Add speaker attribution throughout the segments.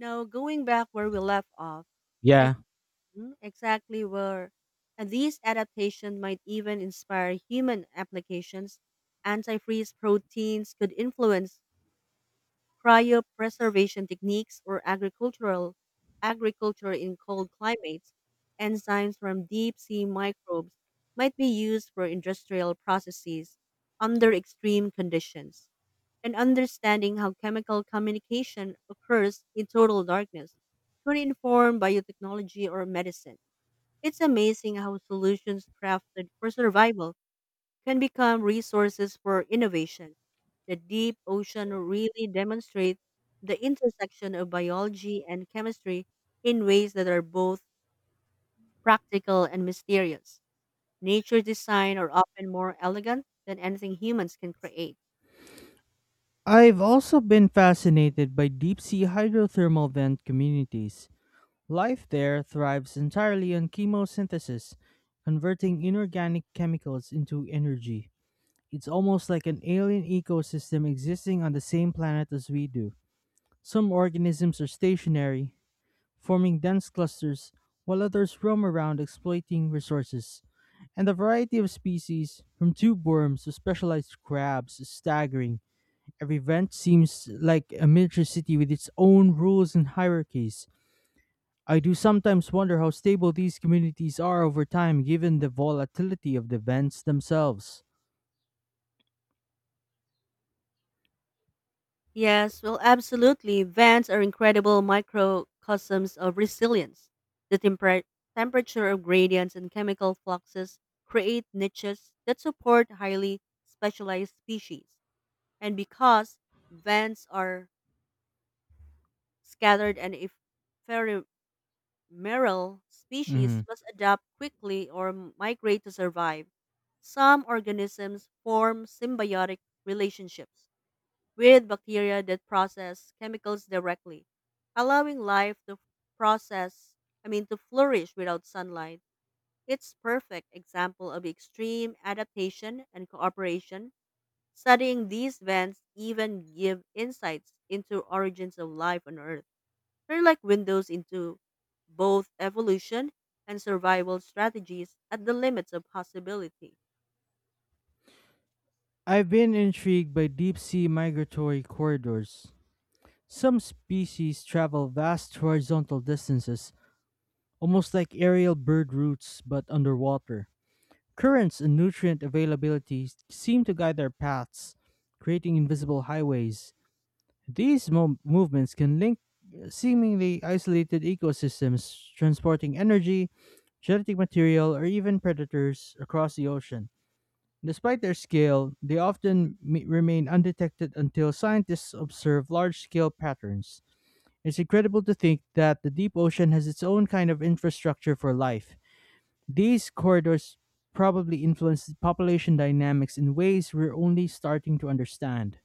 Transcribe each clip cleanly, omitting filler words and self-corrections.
Speaker 1: Now, going back where we left off,
Speaker 2: Yeah,
Speaker 1: ex- exactly where and these adaptations might even inspire human applications. Antifreeze proteins could influence cryopreservation techniques or agricultural agriculture in cold climates, enzymes from deep sea microbes might be used for industrial processes under extreme conditions. And understanding how chemical communication occurs in total darkness could inform biotechnology or medicine. It's amazing how solutions crafted for survival can become resources for innovation. The deep ocean really demonstrates the intersection of biology and chemistry in ways that are both practical and mysterious. Nature design are often more elegant than anything humans can create.
Speaker 2: I've also been fascinated by deep sea hydrothermal vent communities. Life there thrives entirely on chemosynthesis, converting inorganic chemicals into energy. It's almost like an alien ecosystem existing on the same planet as we do. Some organisms are stationary, forming dense clusters, while others roam around exploiting resources. And the variety of species, from tube worms to specialized crabs, is staggering. Every event seems like a miniature city with its own rules and hierarchies. I do sometimes wonder how stable these communities are over time given the volatility of the events themselves.
Speaker 1: Yes, well, absolutely. Vents are incredible microcosms of resilience. The temperature of gradients and chemical fluxes create niches that support highly specialized species. And because vents are scattered and if ephemeral species
Speaker 2: Mhm.
Speaker 1: must adapt quickly or migrate to survive, some organisms form symbiotic relationships with bacteria that process chemicals directly, allowing life to process, to flourish without sunlight. It's perfect example of extreme adaptation and cooperation. Studying these vents even give insights into origins of life on Earth. They're like windows into both evolution and survival strategies at the limits of possibility.
Speaker 2: I've been intrigued by deep sea migratory corridors. Some species travel vast horizontal distances, almost like aerial bird routes but underwater. Currents and nutrient availability seem to guide their paths, creating invisible highways. These movements can link seemingly isolated ecosystems, transporting energy, genetic material, or even predators across the ocean. Despite their scale, they often remain undetected until scientists observe large scale patterns. It's incredible to think that the deep ocean has its own kind of infrastructure for life. These corridors probably influence population dynamics in ways we're only starting to understand.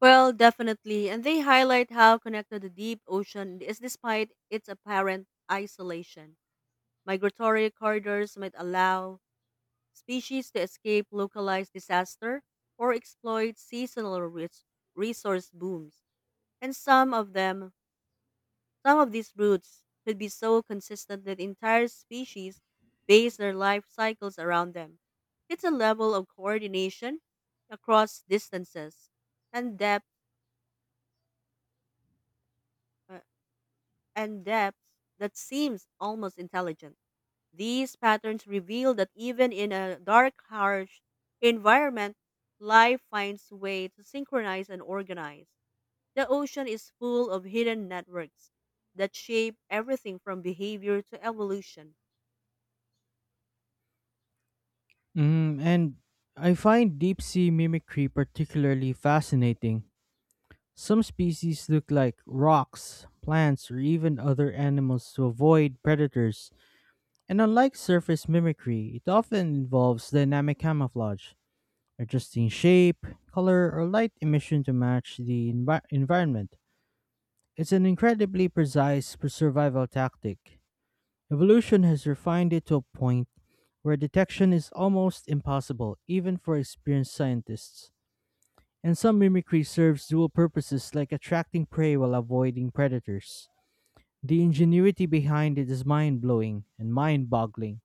Speaker 1: Well, definitely, and they highlight how connected the deep ocean is despite its apparent isolation. Migratory corridors might allow species to escape localized disaster or exploit seasonal resource booms, and some of these roots could be so consistent that entire species base their life cycles around them. It's a level of coordination across distances and depth uh, and depth that seems almost intelligent. These patterns reveal that even in a dark, harsh environment, life finds a way to synchronize and organize. The ocean is full of hidden networks that shape everything from behavior to evolution.
Speaker 2: Mm, and I find deep sea mimicry particularly fascinating. Some species look like rocks, plants, or even other animals to avoid predators. And unlike surface mimicry, it often involves dynamic camouflage, adjusting shape, color, or light emission to match the environment. It's an incredibly precise survival tactic. Evolution has refined it to a point where detection is almost impossible, even for experienced scientists. And some mimicry serves dual purposes like attracting prey while avoiding predators. The ingenuity behind it is mind blowing and mind boggling.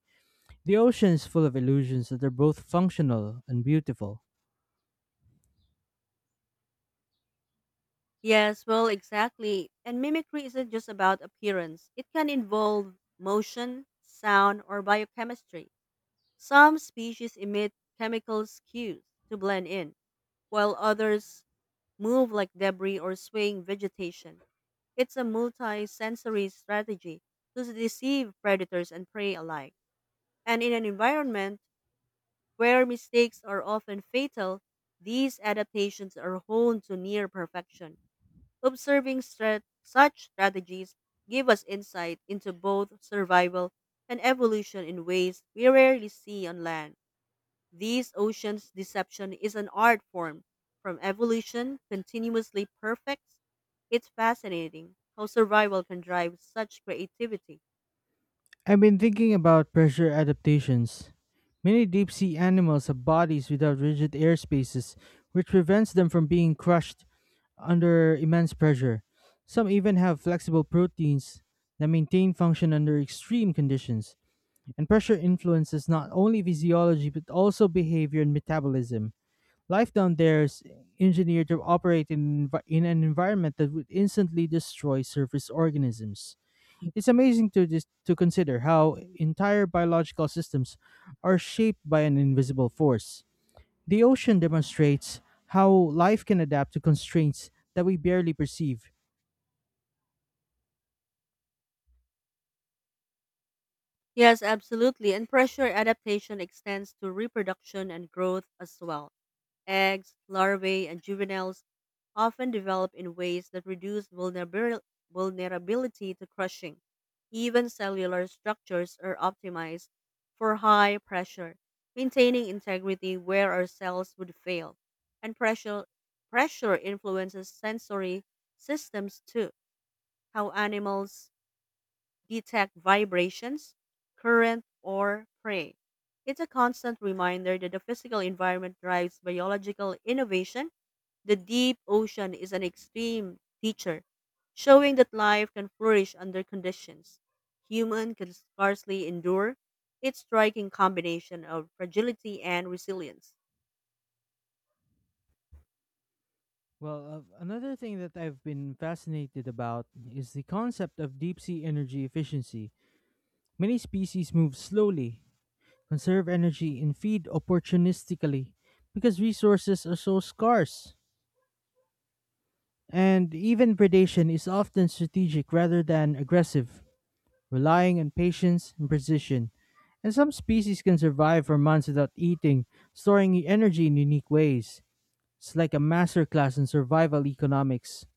Speaker 2: The ocean is full of illusions that are both functional and beautiful.
Speaker 1: Yes, well, exactly. And mimicry isn't just about appearance, it can involve motion, sound, or biochemistry. Some species emit chemical cues to blend in, while others move like debris or swaying vegetation. It's a multi-sensory strategy to deceive predators and prey alike. And in an environment where mistakes are often fatal, these adaptations are honed to near perfection. Observing such strategies give us insight into both survival and evolution in ways we rarely see on land. These oceans deception is an art form from evolution continuously perfects. It's fascinating how survival can drive such creativity.
Speaker 2: I've been thinking about pressure adaptations. Many deep sea animals have bodies without rigid airspaces, which prevents them from being crushed under immense pressure. Some even have flexible proteins that maintain function under extreme conditions. And pressure influences not only physiology but also behavior and metabolism. Life down there is engineered to operate in an environment that would instantly destroy surface organisms. It's amazing to just to consider how entire biological systems are shaped by an invisible force. The ocean demonstrates how life can adapt to constraints that we barely perceive.
Speaker 1: Yes, absolutely. And pressure adaptation extends to reproduction and growth as well. Eggs, larvae, and juveniles often develop in ways that reduce vulnerability to crushing. Even cellular structures are optimized for high pressure, maintaining integrity where our cells would fail. And pressure influences sensory systems too, how animals detect vibrations, current, or prey. It's a constant reminder that the physical environment drives biological innovation. The deep ocean is an extreme teacher, showing that life can flourish under conditions human can scarcely endure. Its striking combination of fragility and resilience.
Speaker 2: Well, another thing that I've been fascinated about is the concept of deep sea energy efficiency. Many species move slowly, conserve energy, and feed opportunistically because resources are so scarce. And even predation is often strategic rather than aggressive, relying on patience and precision. And some species can survive for months without eating, storing energy in unique ways. It's like a masterclass in survival economics.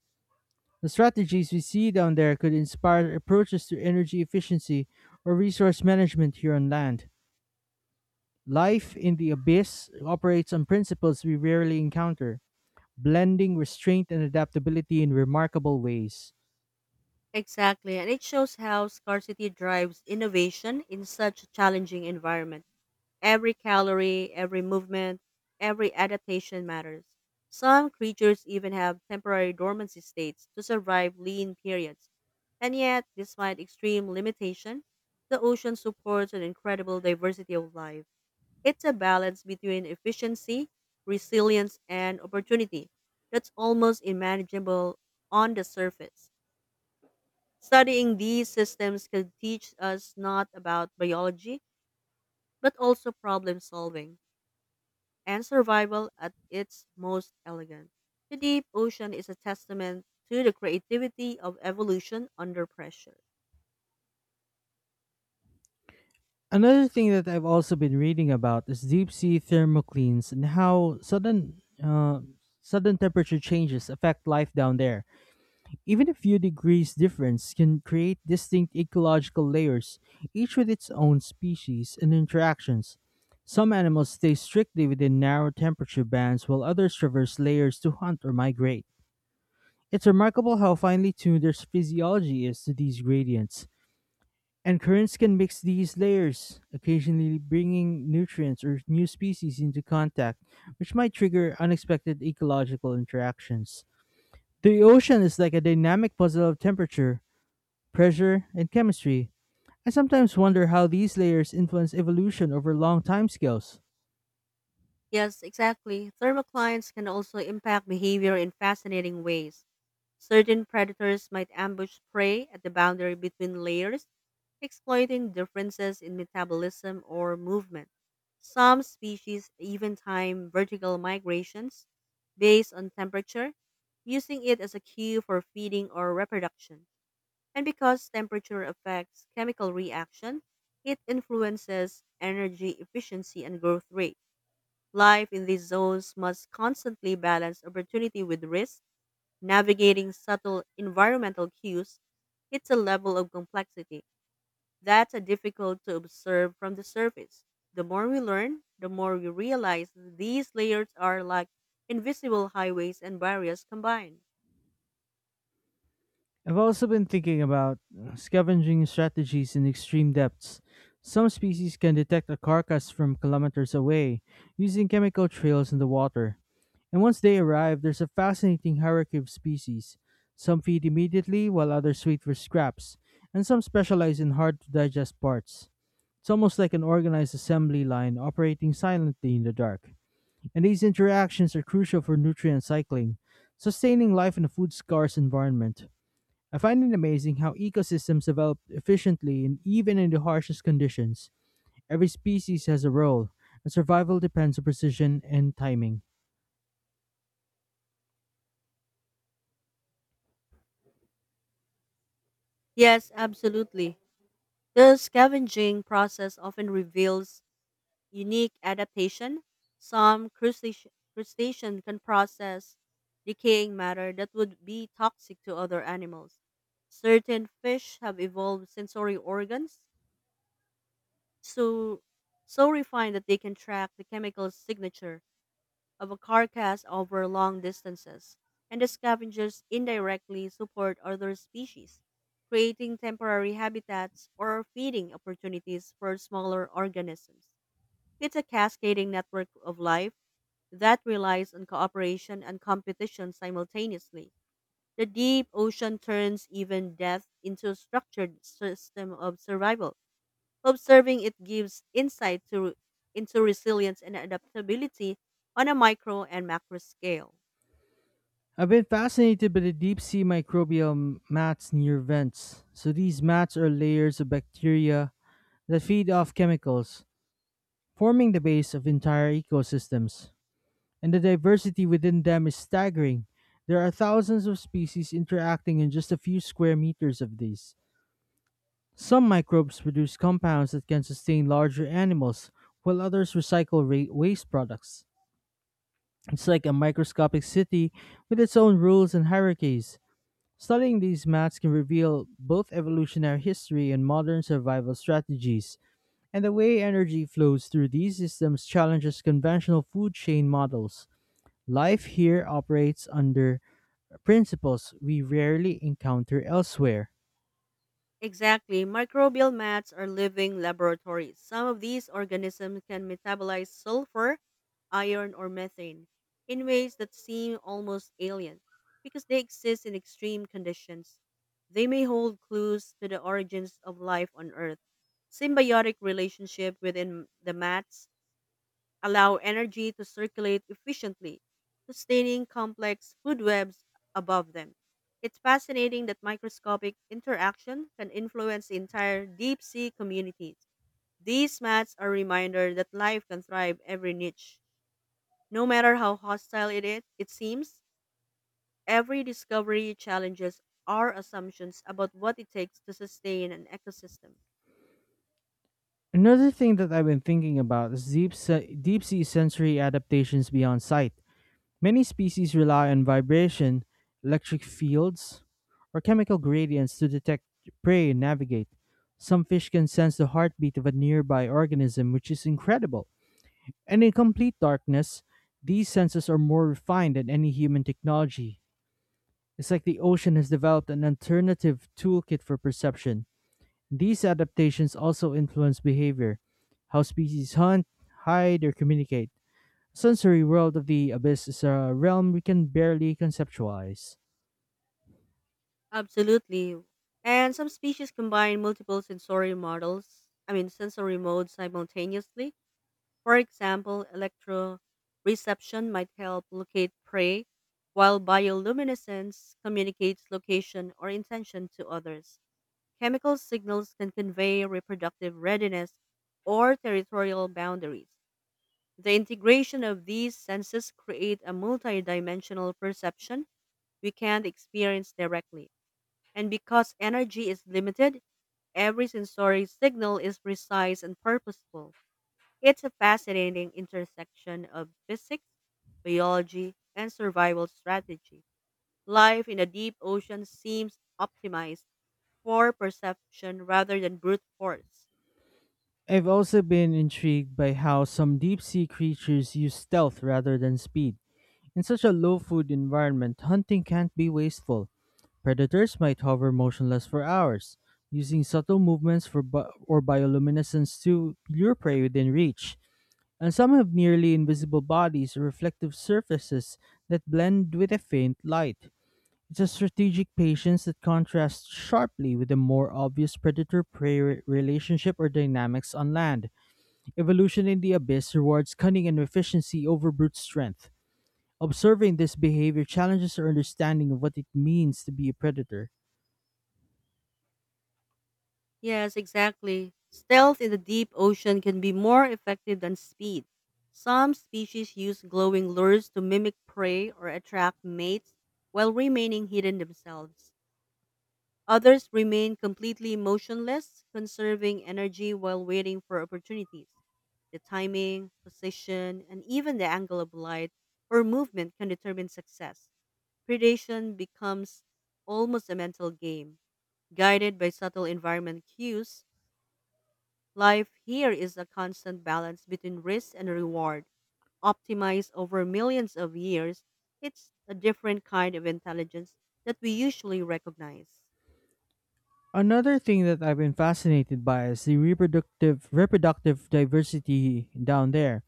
Speaker 2: The strategies we see down there could inspire approaches to energy efficiency or resource management here on land. Life in the abyss operates on principles we rarely encounter, blending restraint and adaptability in remarkable ways.
Speaker 1: Exactly, and it shows how scarcity drives innovation in such a challenging environment. Every calorie, every movement, every adaptation matters. Some creatures even have temporary dormancy states to survive lean periods. And yet, despite extreme limitation, the ocean supports an incredible diversity of life. It's a balance between efficiency, resilience, and opportunity that's almost unmanageable on the surface. Studying these systems can teach us not about biology, but also problem solving and survival at its most elegant. The deep ocean is a testament to the creativity of evolution under pressure.
Speaker 2: Another thing that I've also been reading about is deep sea thermoclines and how sudden temperature changes affect life down there. Even a few degrees difference can create distinct ecological layers, each with its own species and interactions. Some animals stay strictly within narrow temperature bands while others traverse layers to hunt or migrate. It's remarkable how finely tuned their physiology is to these gradients. And currents can mix these layers, occasionally bringing nutrients or new species into contact, which might trigger unexpected ecological interactions. The ocean is like a dynamic puzzle of temperature, pressure, and chemistry. I sometimes wonder how these layers influence evolution over long timescales.
Speaker 1: Yes, exactly. Thermoclines can also impact behavior in fascinating ways. Certain predators might ambush prey at the boundary between layers, exploiting differences in metabolism or movement. Some species even time vertical migrations based on temperature, using it as a cue for feeding or reproduction. And because temperature affects chemical reaction, it influences energy efficiency and growth rate. Life in these zones must constantly balance opportunity with risk, navigating subtle environmental cues. It's a level of complexity that's a difficult to observe from the surface. The more we learn, the more we realize these layers are like invisible highways and barriers combined.
Speaker 2: I've also been thinking about scavenging strategies in extreme depths. Some species can detect a carcass from kilometers away using chemical trails in the water. And once they arrive, there's a fascinating hierarchy of species. Some feed immediately, while others wait for scraps, and some specialize in hard to digest parts. It's almost like an organized assembly line operating silently in the dark. And these interactions are crucial for nutrient cycling, sustaining life in a food scarce environment. I find it amazing how ecosystems develop efficiently and even in the harshest conditions. Every species has a role, and survival depends on precision and timing.
Speaker 1: Yes, absolutely. The scavenging process often reveals unique adaptation. Some crustacean can process decaying matter that would be toxic to other animals. Certain fish have evolved sensory organs so so refined that they can track the chemical signature of a carcass over long distances, and the scavengers indirectly support other species, creating temporary habitats or feeding opportunities for smaller organisms. It's a cascading network of life that relies on cooperation and competition simultaneously. The deep ocean turns even death into a structured system of survival. Observing it into resilience and adaptability on a micro and macro scale.
Speaker 2: I've been fascinated by the deep sea microbial mats near vents. So these mats are layers of bacteria that feed off chemicals, forming the base of entire ecosystems. And the diversity within them is staggering. There are thousands of species interacting in just a few square meters of these. Some microbes produce compounds that can sustain larger animals, while others recycle waste products. It's like a microscopic city with its own rules and hierarchies. Studying these maps can reveal both evolutionary history and modern survival strategies, and the way energy flows through these systems challenges conventional food chain models. Life here operates under principles we rarely encounter elsewhere.
Speaker 1: Exactly, microbial mats are living laboratories. Some of these organisms can metabolize sulfur, iron, or methane in ways that seem almost alien because they exist in extreme conditions. They may hold clues to the origins of life on Earth. Symbiotic relationship within the mats allow energy to circulate efficiently, sustaining complex food webs above them. It's fascinating that microscopic interaction can influence entire deep sea communities. These mats are a reminder that life can thrive every niche. No matter how hostile it is, it seems, every discovery challenges our assumptions about what it takes to sustain an ecosystem.
Speaker 2: Another thing that I've been thinking about is deep sea sensory adaptations beyond sight. Many species rely on vibration, electric fields, or chemical gradients to detect prey and navigate. Some fish can sense the heartbeat of a nearby organism, which is incredible. And in complete darkness, these senses are more refined than any human technology. It's like the ocean has developed an alternative toolkit for perception. These adaptations also influence behavior, how species hunt, hide, or communicate. Sensory world of the abyss is a realm we can barely conceptualize.
Speaker 1: Absolutely. And some species combine multiple sensory models, I mean, sensory modes simultaneously. For example, electroreception might help locate prey, while bioluminescence communicates location or intention to others. Chemical signals can convey reproductive readiness or territorial boundaries. The integration of these senses create a multidimensional perception we can't experience directly. And because energy is limited, every sensory signal is precise and purposeful. It's a fascinating intersection of physics, biology, and survival strategy. Life in the deep ocean seems optimized for perception rather than brute force.
Speaker 2: I've also been intrigued by how some deep sea creatures use stealth rather than speed. In such a low food environment, hunting can't be wasteful. Predators might hover motionless for hours, using subtle movements for bi- or bioluminescence to lure prey within reach. And some have nearly invisible bodies or reflective surfaces that blend with a faint light. It's a strategic patience that contrasts sharply with the more obvious predator prey relationship or dynamics on land. Evolution in the abyss rewards cunning and efficiency over brute strength. Observing this behavior challenges our understanding of what it means to be a predator.
Speaker 1: Yes, exactly. Stealth in the deep ocean can be more effective than speed. Some species use glowing lures to mimic prey or attract mates while remaining hidden themselves. Others remain completely motionless, conserving energy while waiting for opportunities. The timing, position, and even the angle of light or movement can determine success. Predation becomes almost a mental game, guided by subtle environment cues. Life here is a constant balance between risk and reward. Optimized over millions of years, it's a different kind of intelligence that we usually recognize.
Speaker 2: Another thing that I've been fascinated by is the reproductive diversity down there.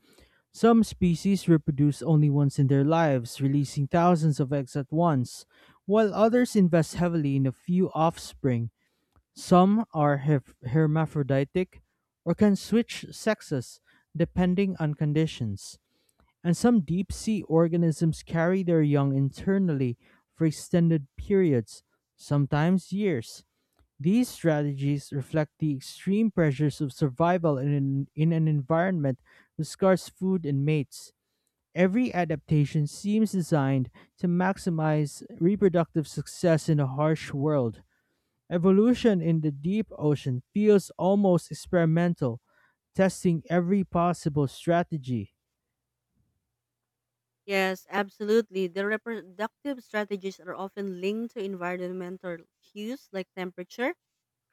Speaker 2: Some species reproduce only once in their lives, releasing thousands of eggs at once, while others invest heavily in a few offspring. Some are hermaphroditic or can switch sexes depending on conditions. And some deep sea organisms carry their young internally for extended periods, sometimes years. These strategies reflect the extreme pressures of survival in an environment with scarce food and mates. Every adaptation seems designed to maximize reproductive success in a harsh world. Evolution in the deep ocean feels almost experimental, testing every possible strategy.
Speaker 1: Yes, absolutely. The reproductive strategies are often linked to environmental cues like temperature,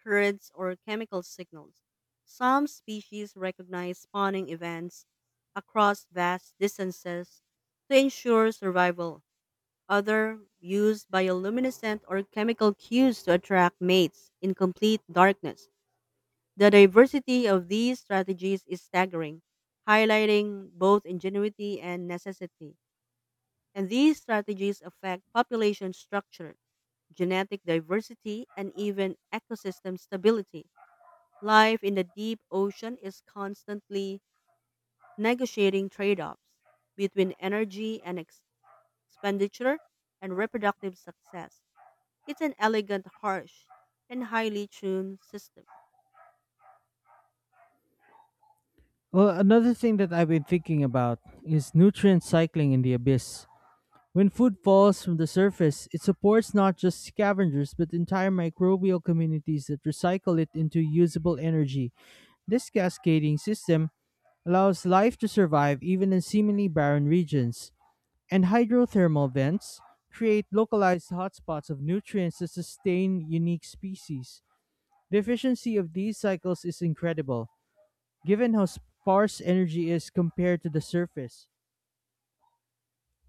Speaker 1: currents, or chemical signals. Some species recognize spawning events across vast distances to ensure survival. Others use bioluminescent or chemical cues to attract mates in complete darkness. The diversity of these strategies is staggering, highlighting both ingenuity and necessity. And these strategies affect population structure, genetic diversity, and even ecosystem stability. Life in the deep ocean is constantly negotiating trade offs between expenditure and reproductive success. It's an elegant, harsh, and highly tuned system.
Speaker 2: Well, another thing that I've been thinking about is nutrient cycling in the abyss. When food falls from the surface, it supports not just scavengers but entire microbial communities that recycle it into usable energy. This cascading system allows life to survive even in seemingly barren regions, and hydrothermal vents create localized hotspots of nutrients that sustain unique species. The efficiency of these cycles is incredible, given how sparse energy is compared to the surface.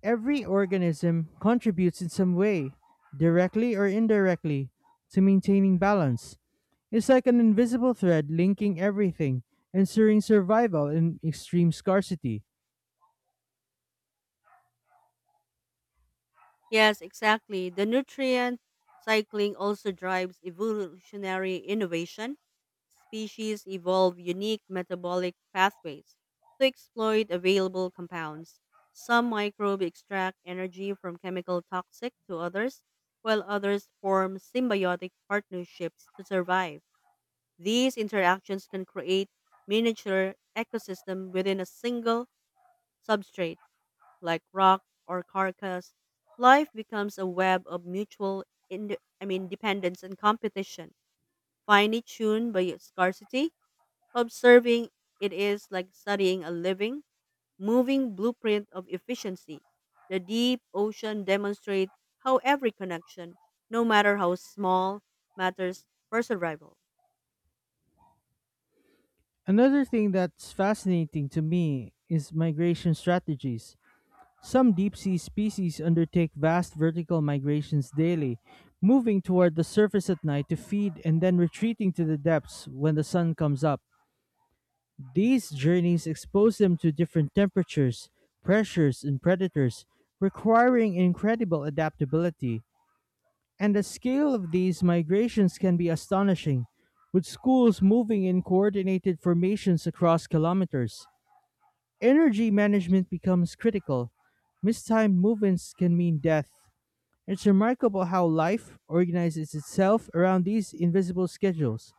Speaker 2: Every organism contributes in some way, directly or indirectly, to maintaining balance. It's like an invisible thread linking everything, ensuring survival in extreme scarcity.
Speaker 1: Yes, exactly. The nutrient cycling also drives evolutionary innovation. Species evolve unique metabolic pathways to exploit available compounds. Some microbes extract energy from chemical toxic to others, while others form symbiotic partnerships to survive. These interactions can create miniature ecosystem within a single substrate like rock or carcass, life becomes a web of mutual dependence and competition. Finely tuned by its scarcity, observing it is like studying a living, moving blueprint of efficiency. The deep ocean demonstrates how every connection, no matter how small, matters for survival.
Speaker 2: Another thing that's fascinating to me is migration strategies. Some deep sea species undertake vast vertical migrations daily, moving toward the surface at night to feed and then retreating to the depths when the sun comes up. These journeys expose them to different temperatures, pressures, and predators, requiring incredible adaptability. And the scale of these migrations can be astonishing, with schools moving in coordinated formations across kilometers. Energy management becomes critical. Mistimed movements can mean death. It's remarkable how life organizes itself around these invisible schedules.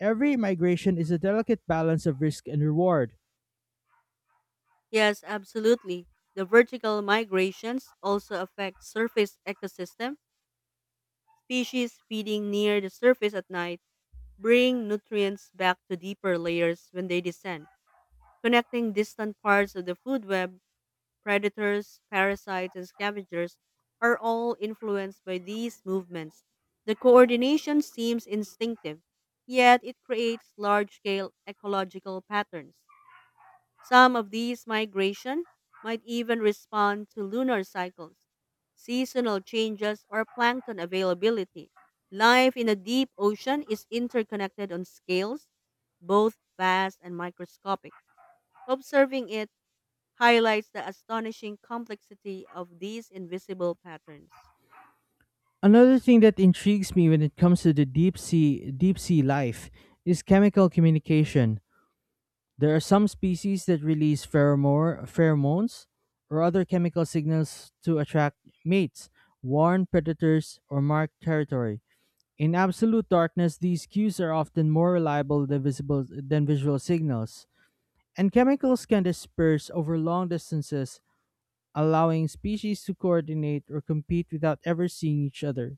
Speaker 2: Every migration is a delicate balance of risk and reward.
Speaker 1: Yes, absolutely. The vertical migrations also affect surface ecosystem. Species feeding near the surface at night bring nutrients back to deeper layers when they descend, connecting distant parts of the food web. Predators, parasites, and scavengers are all influenced by these movements. The coordination seems instinctive, yet it creates large scale ecological patterns. Some of these migration might even respond to lunar cycles, seasonal changes, or plankton availability. Life in a deep ocean is interconnected on scales both vast and microscopic. Observing it highlights the astonishing complexity of these invisible patterns.
Speaker 2: Another thing that intrigues me when it comes to the deep sea life is chemical communication. There are some species that release pheromones or other chemical signals to attract mates, warn predators, or mark territory. In absolute darkness, these cues are often more reliable than visual signals, and chemicals can disperse over long distances, allowing species to coordinate or compete without ever seeing each other.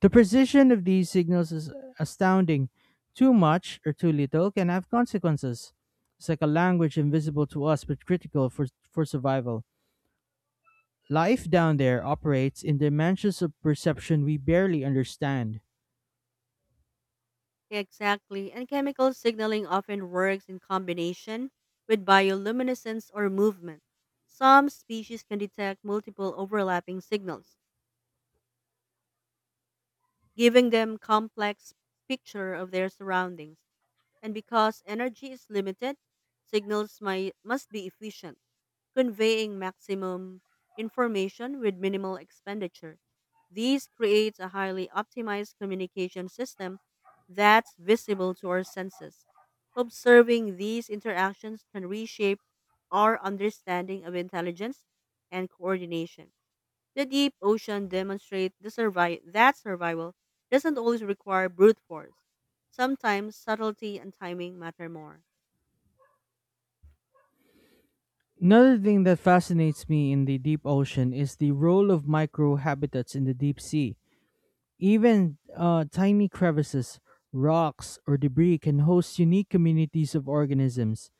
Speaker 2: The precision of these signals is astounding. Too much or too little can have consequences. It's like a language invisible to us but critical for survival. Life down there operates in dimensions of perception we barely understand.
Speaker 1: Exactly, and chemical signaling often works in combination with bioluminescence or movement. Some species can detect multiple overlapping signals, giving them complex picture of their surroundings. And because energy is limited, must be efficient, conveying maximum information with minimal expenditure. These creates a highly optimized communication system that's visible to our senses. Observing these interactions can reshape our understanding of intelligence and coordination. The deep ocean that survival doesn't always require brute force. Sometimes subtlety and timing matter more.
Speaker 2: Another thing that fascinates me in the deep ocean is the role of microhabitats in the deep sea. Even tiny crevices, rocks, or debris can host unique communities of organisms.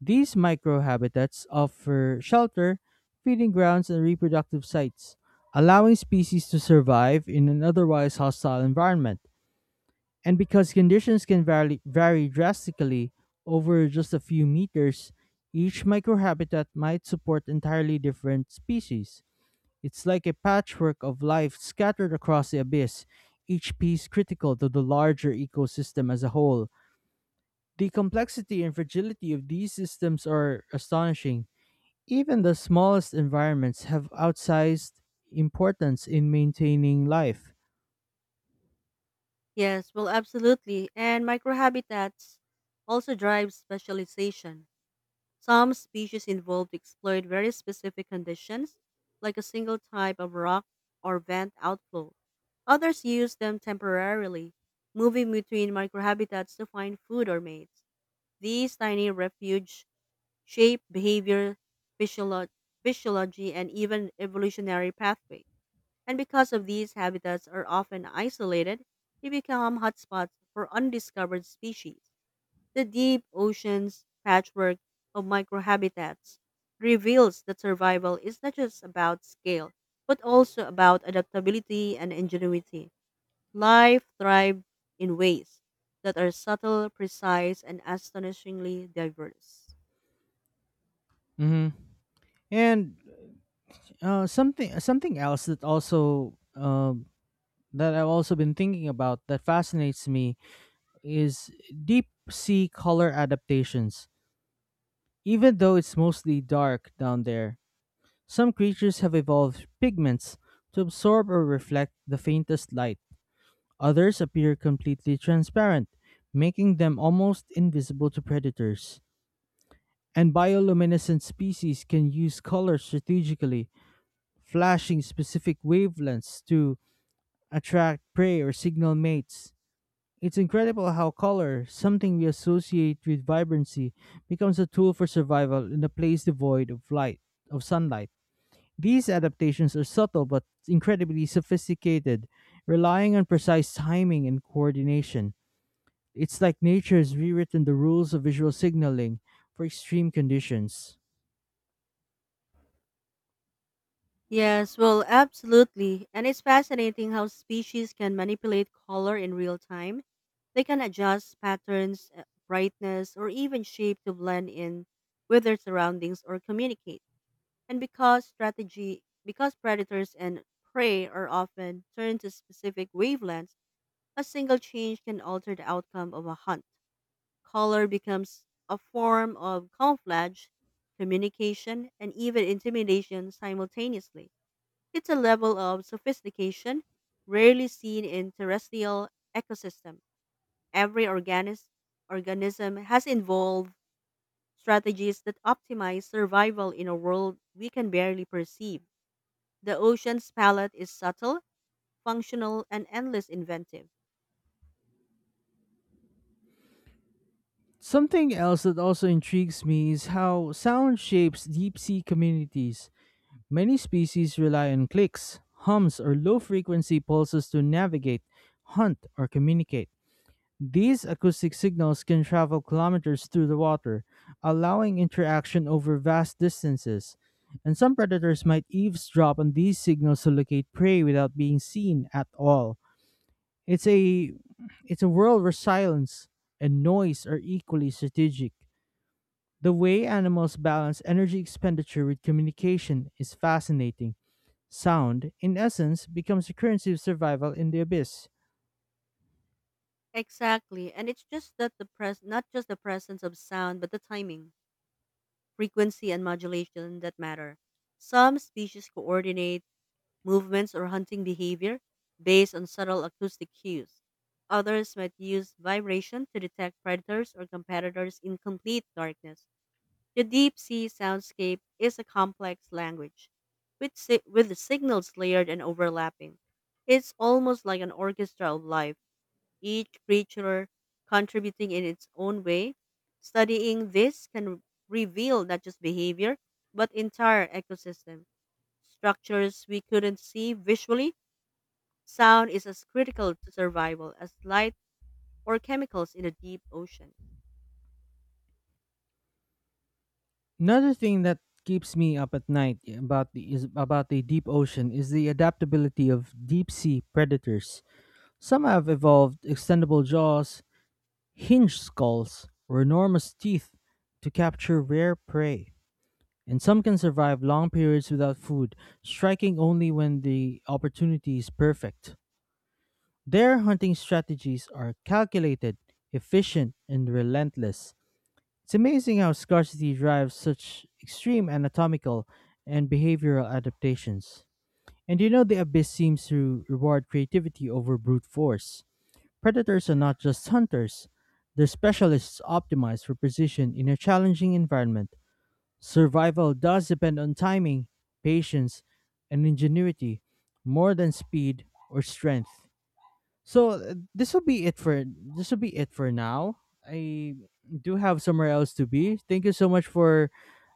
Speaker 2: These microhabitats offer shelter, feeding grounds, and reproductive sites, allowing species to survive in an otherwise hostile environment. And because conditions vary drastically over just a few meters, each microhabitat might support entirely different species. It's like a patchwork of life scattered across the abyss, each piece critical to the larger ecosystem as a whole. The complexity and fragility of these systems are astonishing. Even the smallest environments have outsized importance in maintaining life.
Speaker 1: Yes, well, absolutely. And microhabitats also drive specialization. Some species involved exploit very specific conditions, like a single type of rock or vent outflow. Others use them temporarily, moving between microhabitats to find food or mates. These tiny refuge shape behavior, physiolo- physiology, and even evolutionary pathway. And because of these habitats are often isolated, they become hotspots for undiscovered species. The deep oceans patchwork of microhabitats reveals that survival is not just about scale, but also about adaptability and ingenuity. Life thrives in ways that are subtle, precise, and astonishingly diverse.
Speaker 2: hmm And something else that also that I've also been thinking about that fascinates me is deep sea color adaptations. Even though it's mostly dark down there, some creatures have evolved pigments to absorb or reflect the faintest light. Others appear completely transparent, making them almost invisible to predators. And bioluminescent species can use color strategically, flashing specific wavelengths to attract prey or signal mates. It's incredible how color, something we associate with vibrancy, becomes a tool for survival in a place devoid of sunlight. These adaptations are subtle but incredibly sophisticated, relying on precise timing and coordination. It's like nature has rewritten the rules of visual signaling for extreme conditions.
Speaker 1: Yes, well, absolutely. And it's fascinating how species can manipulate color in real time. They can adjust patterns, brightness, or even shape to blend in with their surroundings or communicate. And because predators and prey are often turned to specific wavelengths, a single change can alter the outcome of a hunt. Color becomes a form of camouflage, communication, and even intimidation simultaneously. It's a level of sophistication rarely seen in terrestrial ecosystem. Every organism has involved strategies that optimize survival in a world we can barely perceive. The ocean's palette is subtle, functional, and endless inventive.
Speaker 2: Something else that also intrigues me is how sound shapes deep sea communities. Many species rely on clicks, hums, or low frequency pulses to navigate, hunt, or communicate. These acoustic signals can travel kilometers through the water, allowing interaction over vast distances. And some predators might eavesdrop on these signals to locate prey without being seen at all. It's a it's a world where silence and noise are equally strategic. The way animals balance energy expenditure with communication is fascinating. Sound, in essence, becomes a currency of survival in the abyss.
Speaker 1: Exactly, and it's just that not just the presence of sound, but the timing, frequency, and modulation that matter. Some species coordinate movements, or hunting behavior based on subtle acoustic cues. Others might use vibration to detect predators or competitors in complete darkness. The deep sea soundscape is a complex language, with the signals layered and overlapping. It's almost like an orchestra of life, each creature contributing in its own way. Studying this can reveal not just behavior, but entire ecosystem structures we couldn't see visually. Sound is as critical to survival as light or chemicals in the deep ocean.
Speaker 2: Another thing that keeps me up at night about the is about the deep ocean is the adaptability of deep sea predators. Some have evolved extendable jaws, hinged skulls, or enormous teeth to capture rare prey. And some can survive long periods without food, striking only when the opportunity is perfect. Their hunting strategies are calculated, efficient, and relentless. It's amazing how scarcity drives such extreme anatomical and behavioral adaptations. And you know, the abyss seems to reward creativity over brute force. Predators are not just hunters, they're specialists optimized for precision in a challenging environment. Survival does depend on timing, patience, and ingenuity more than speed or strength. So this will be it for now. I do have somewhere else to be. Thank you so much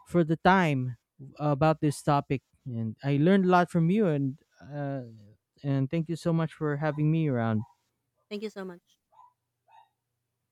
Speaker 2: for the time about this topic, and I learned a lot from you. And thank you so much for having me around.
Speaker 1: Thank you so much.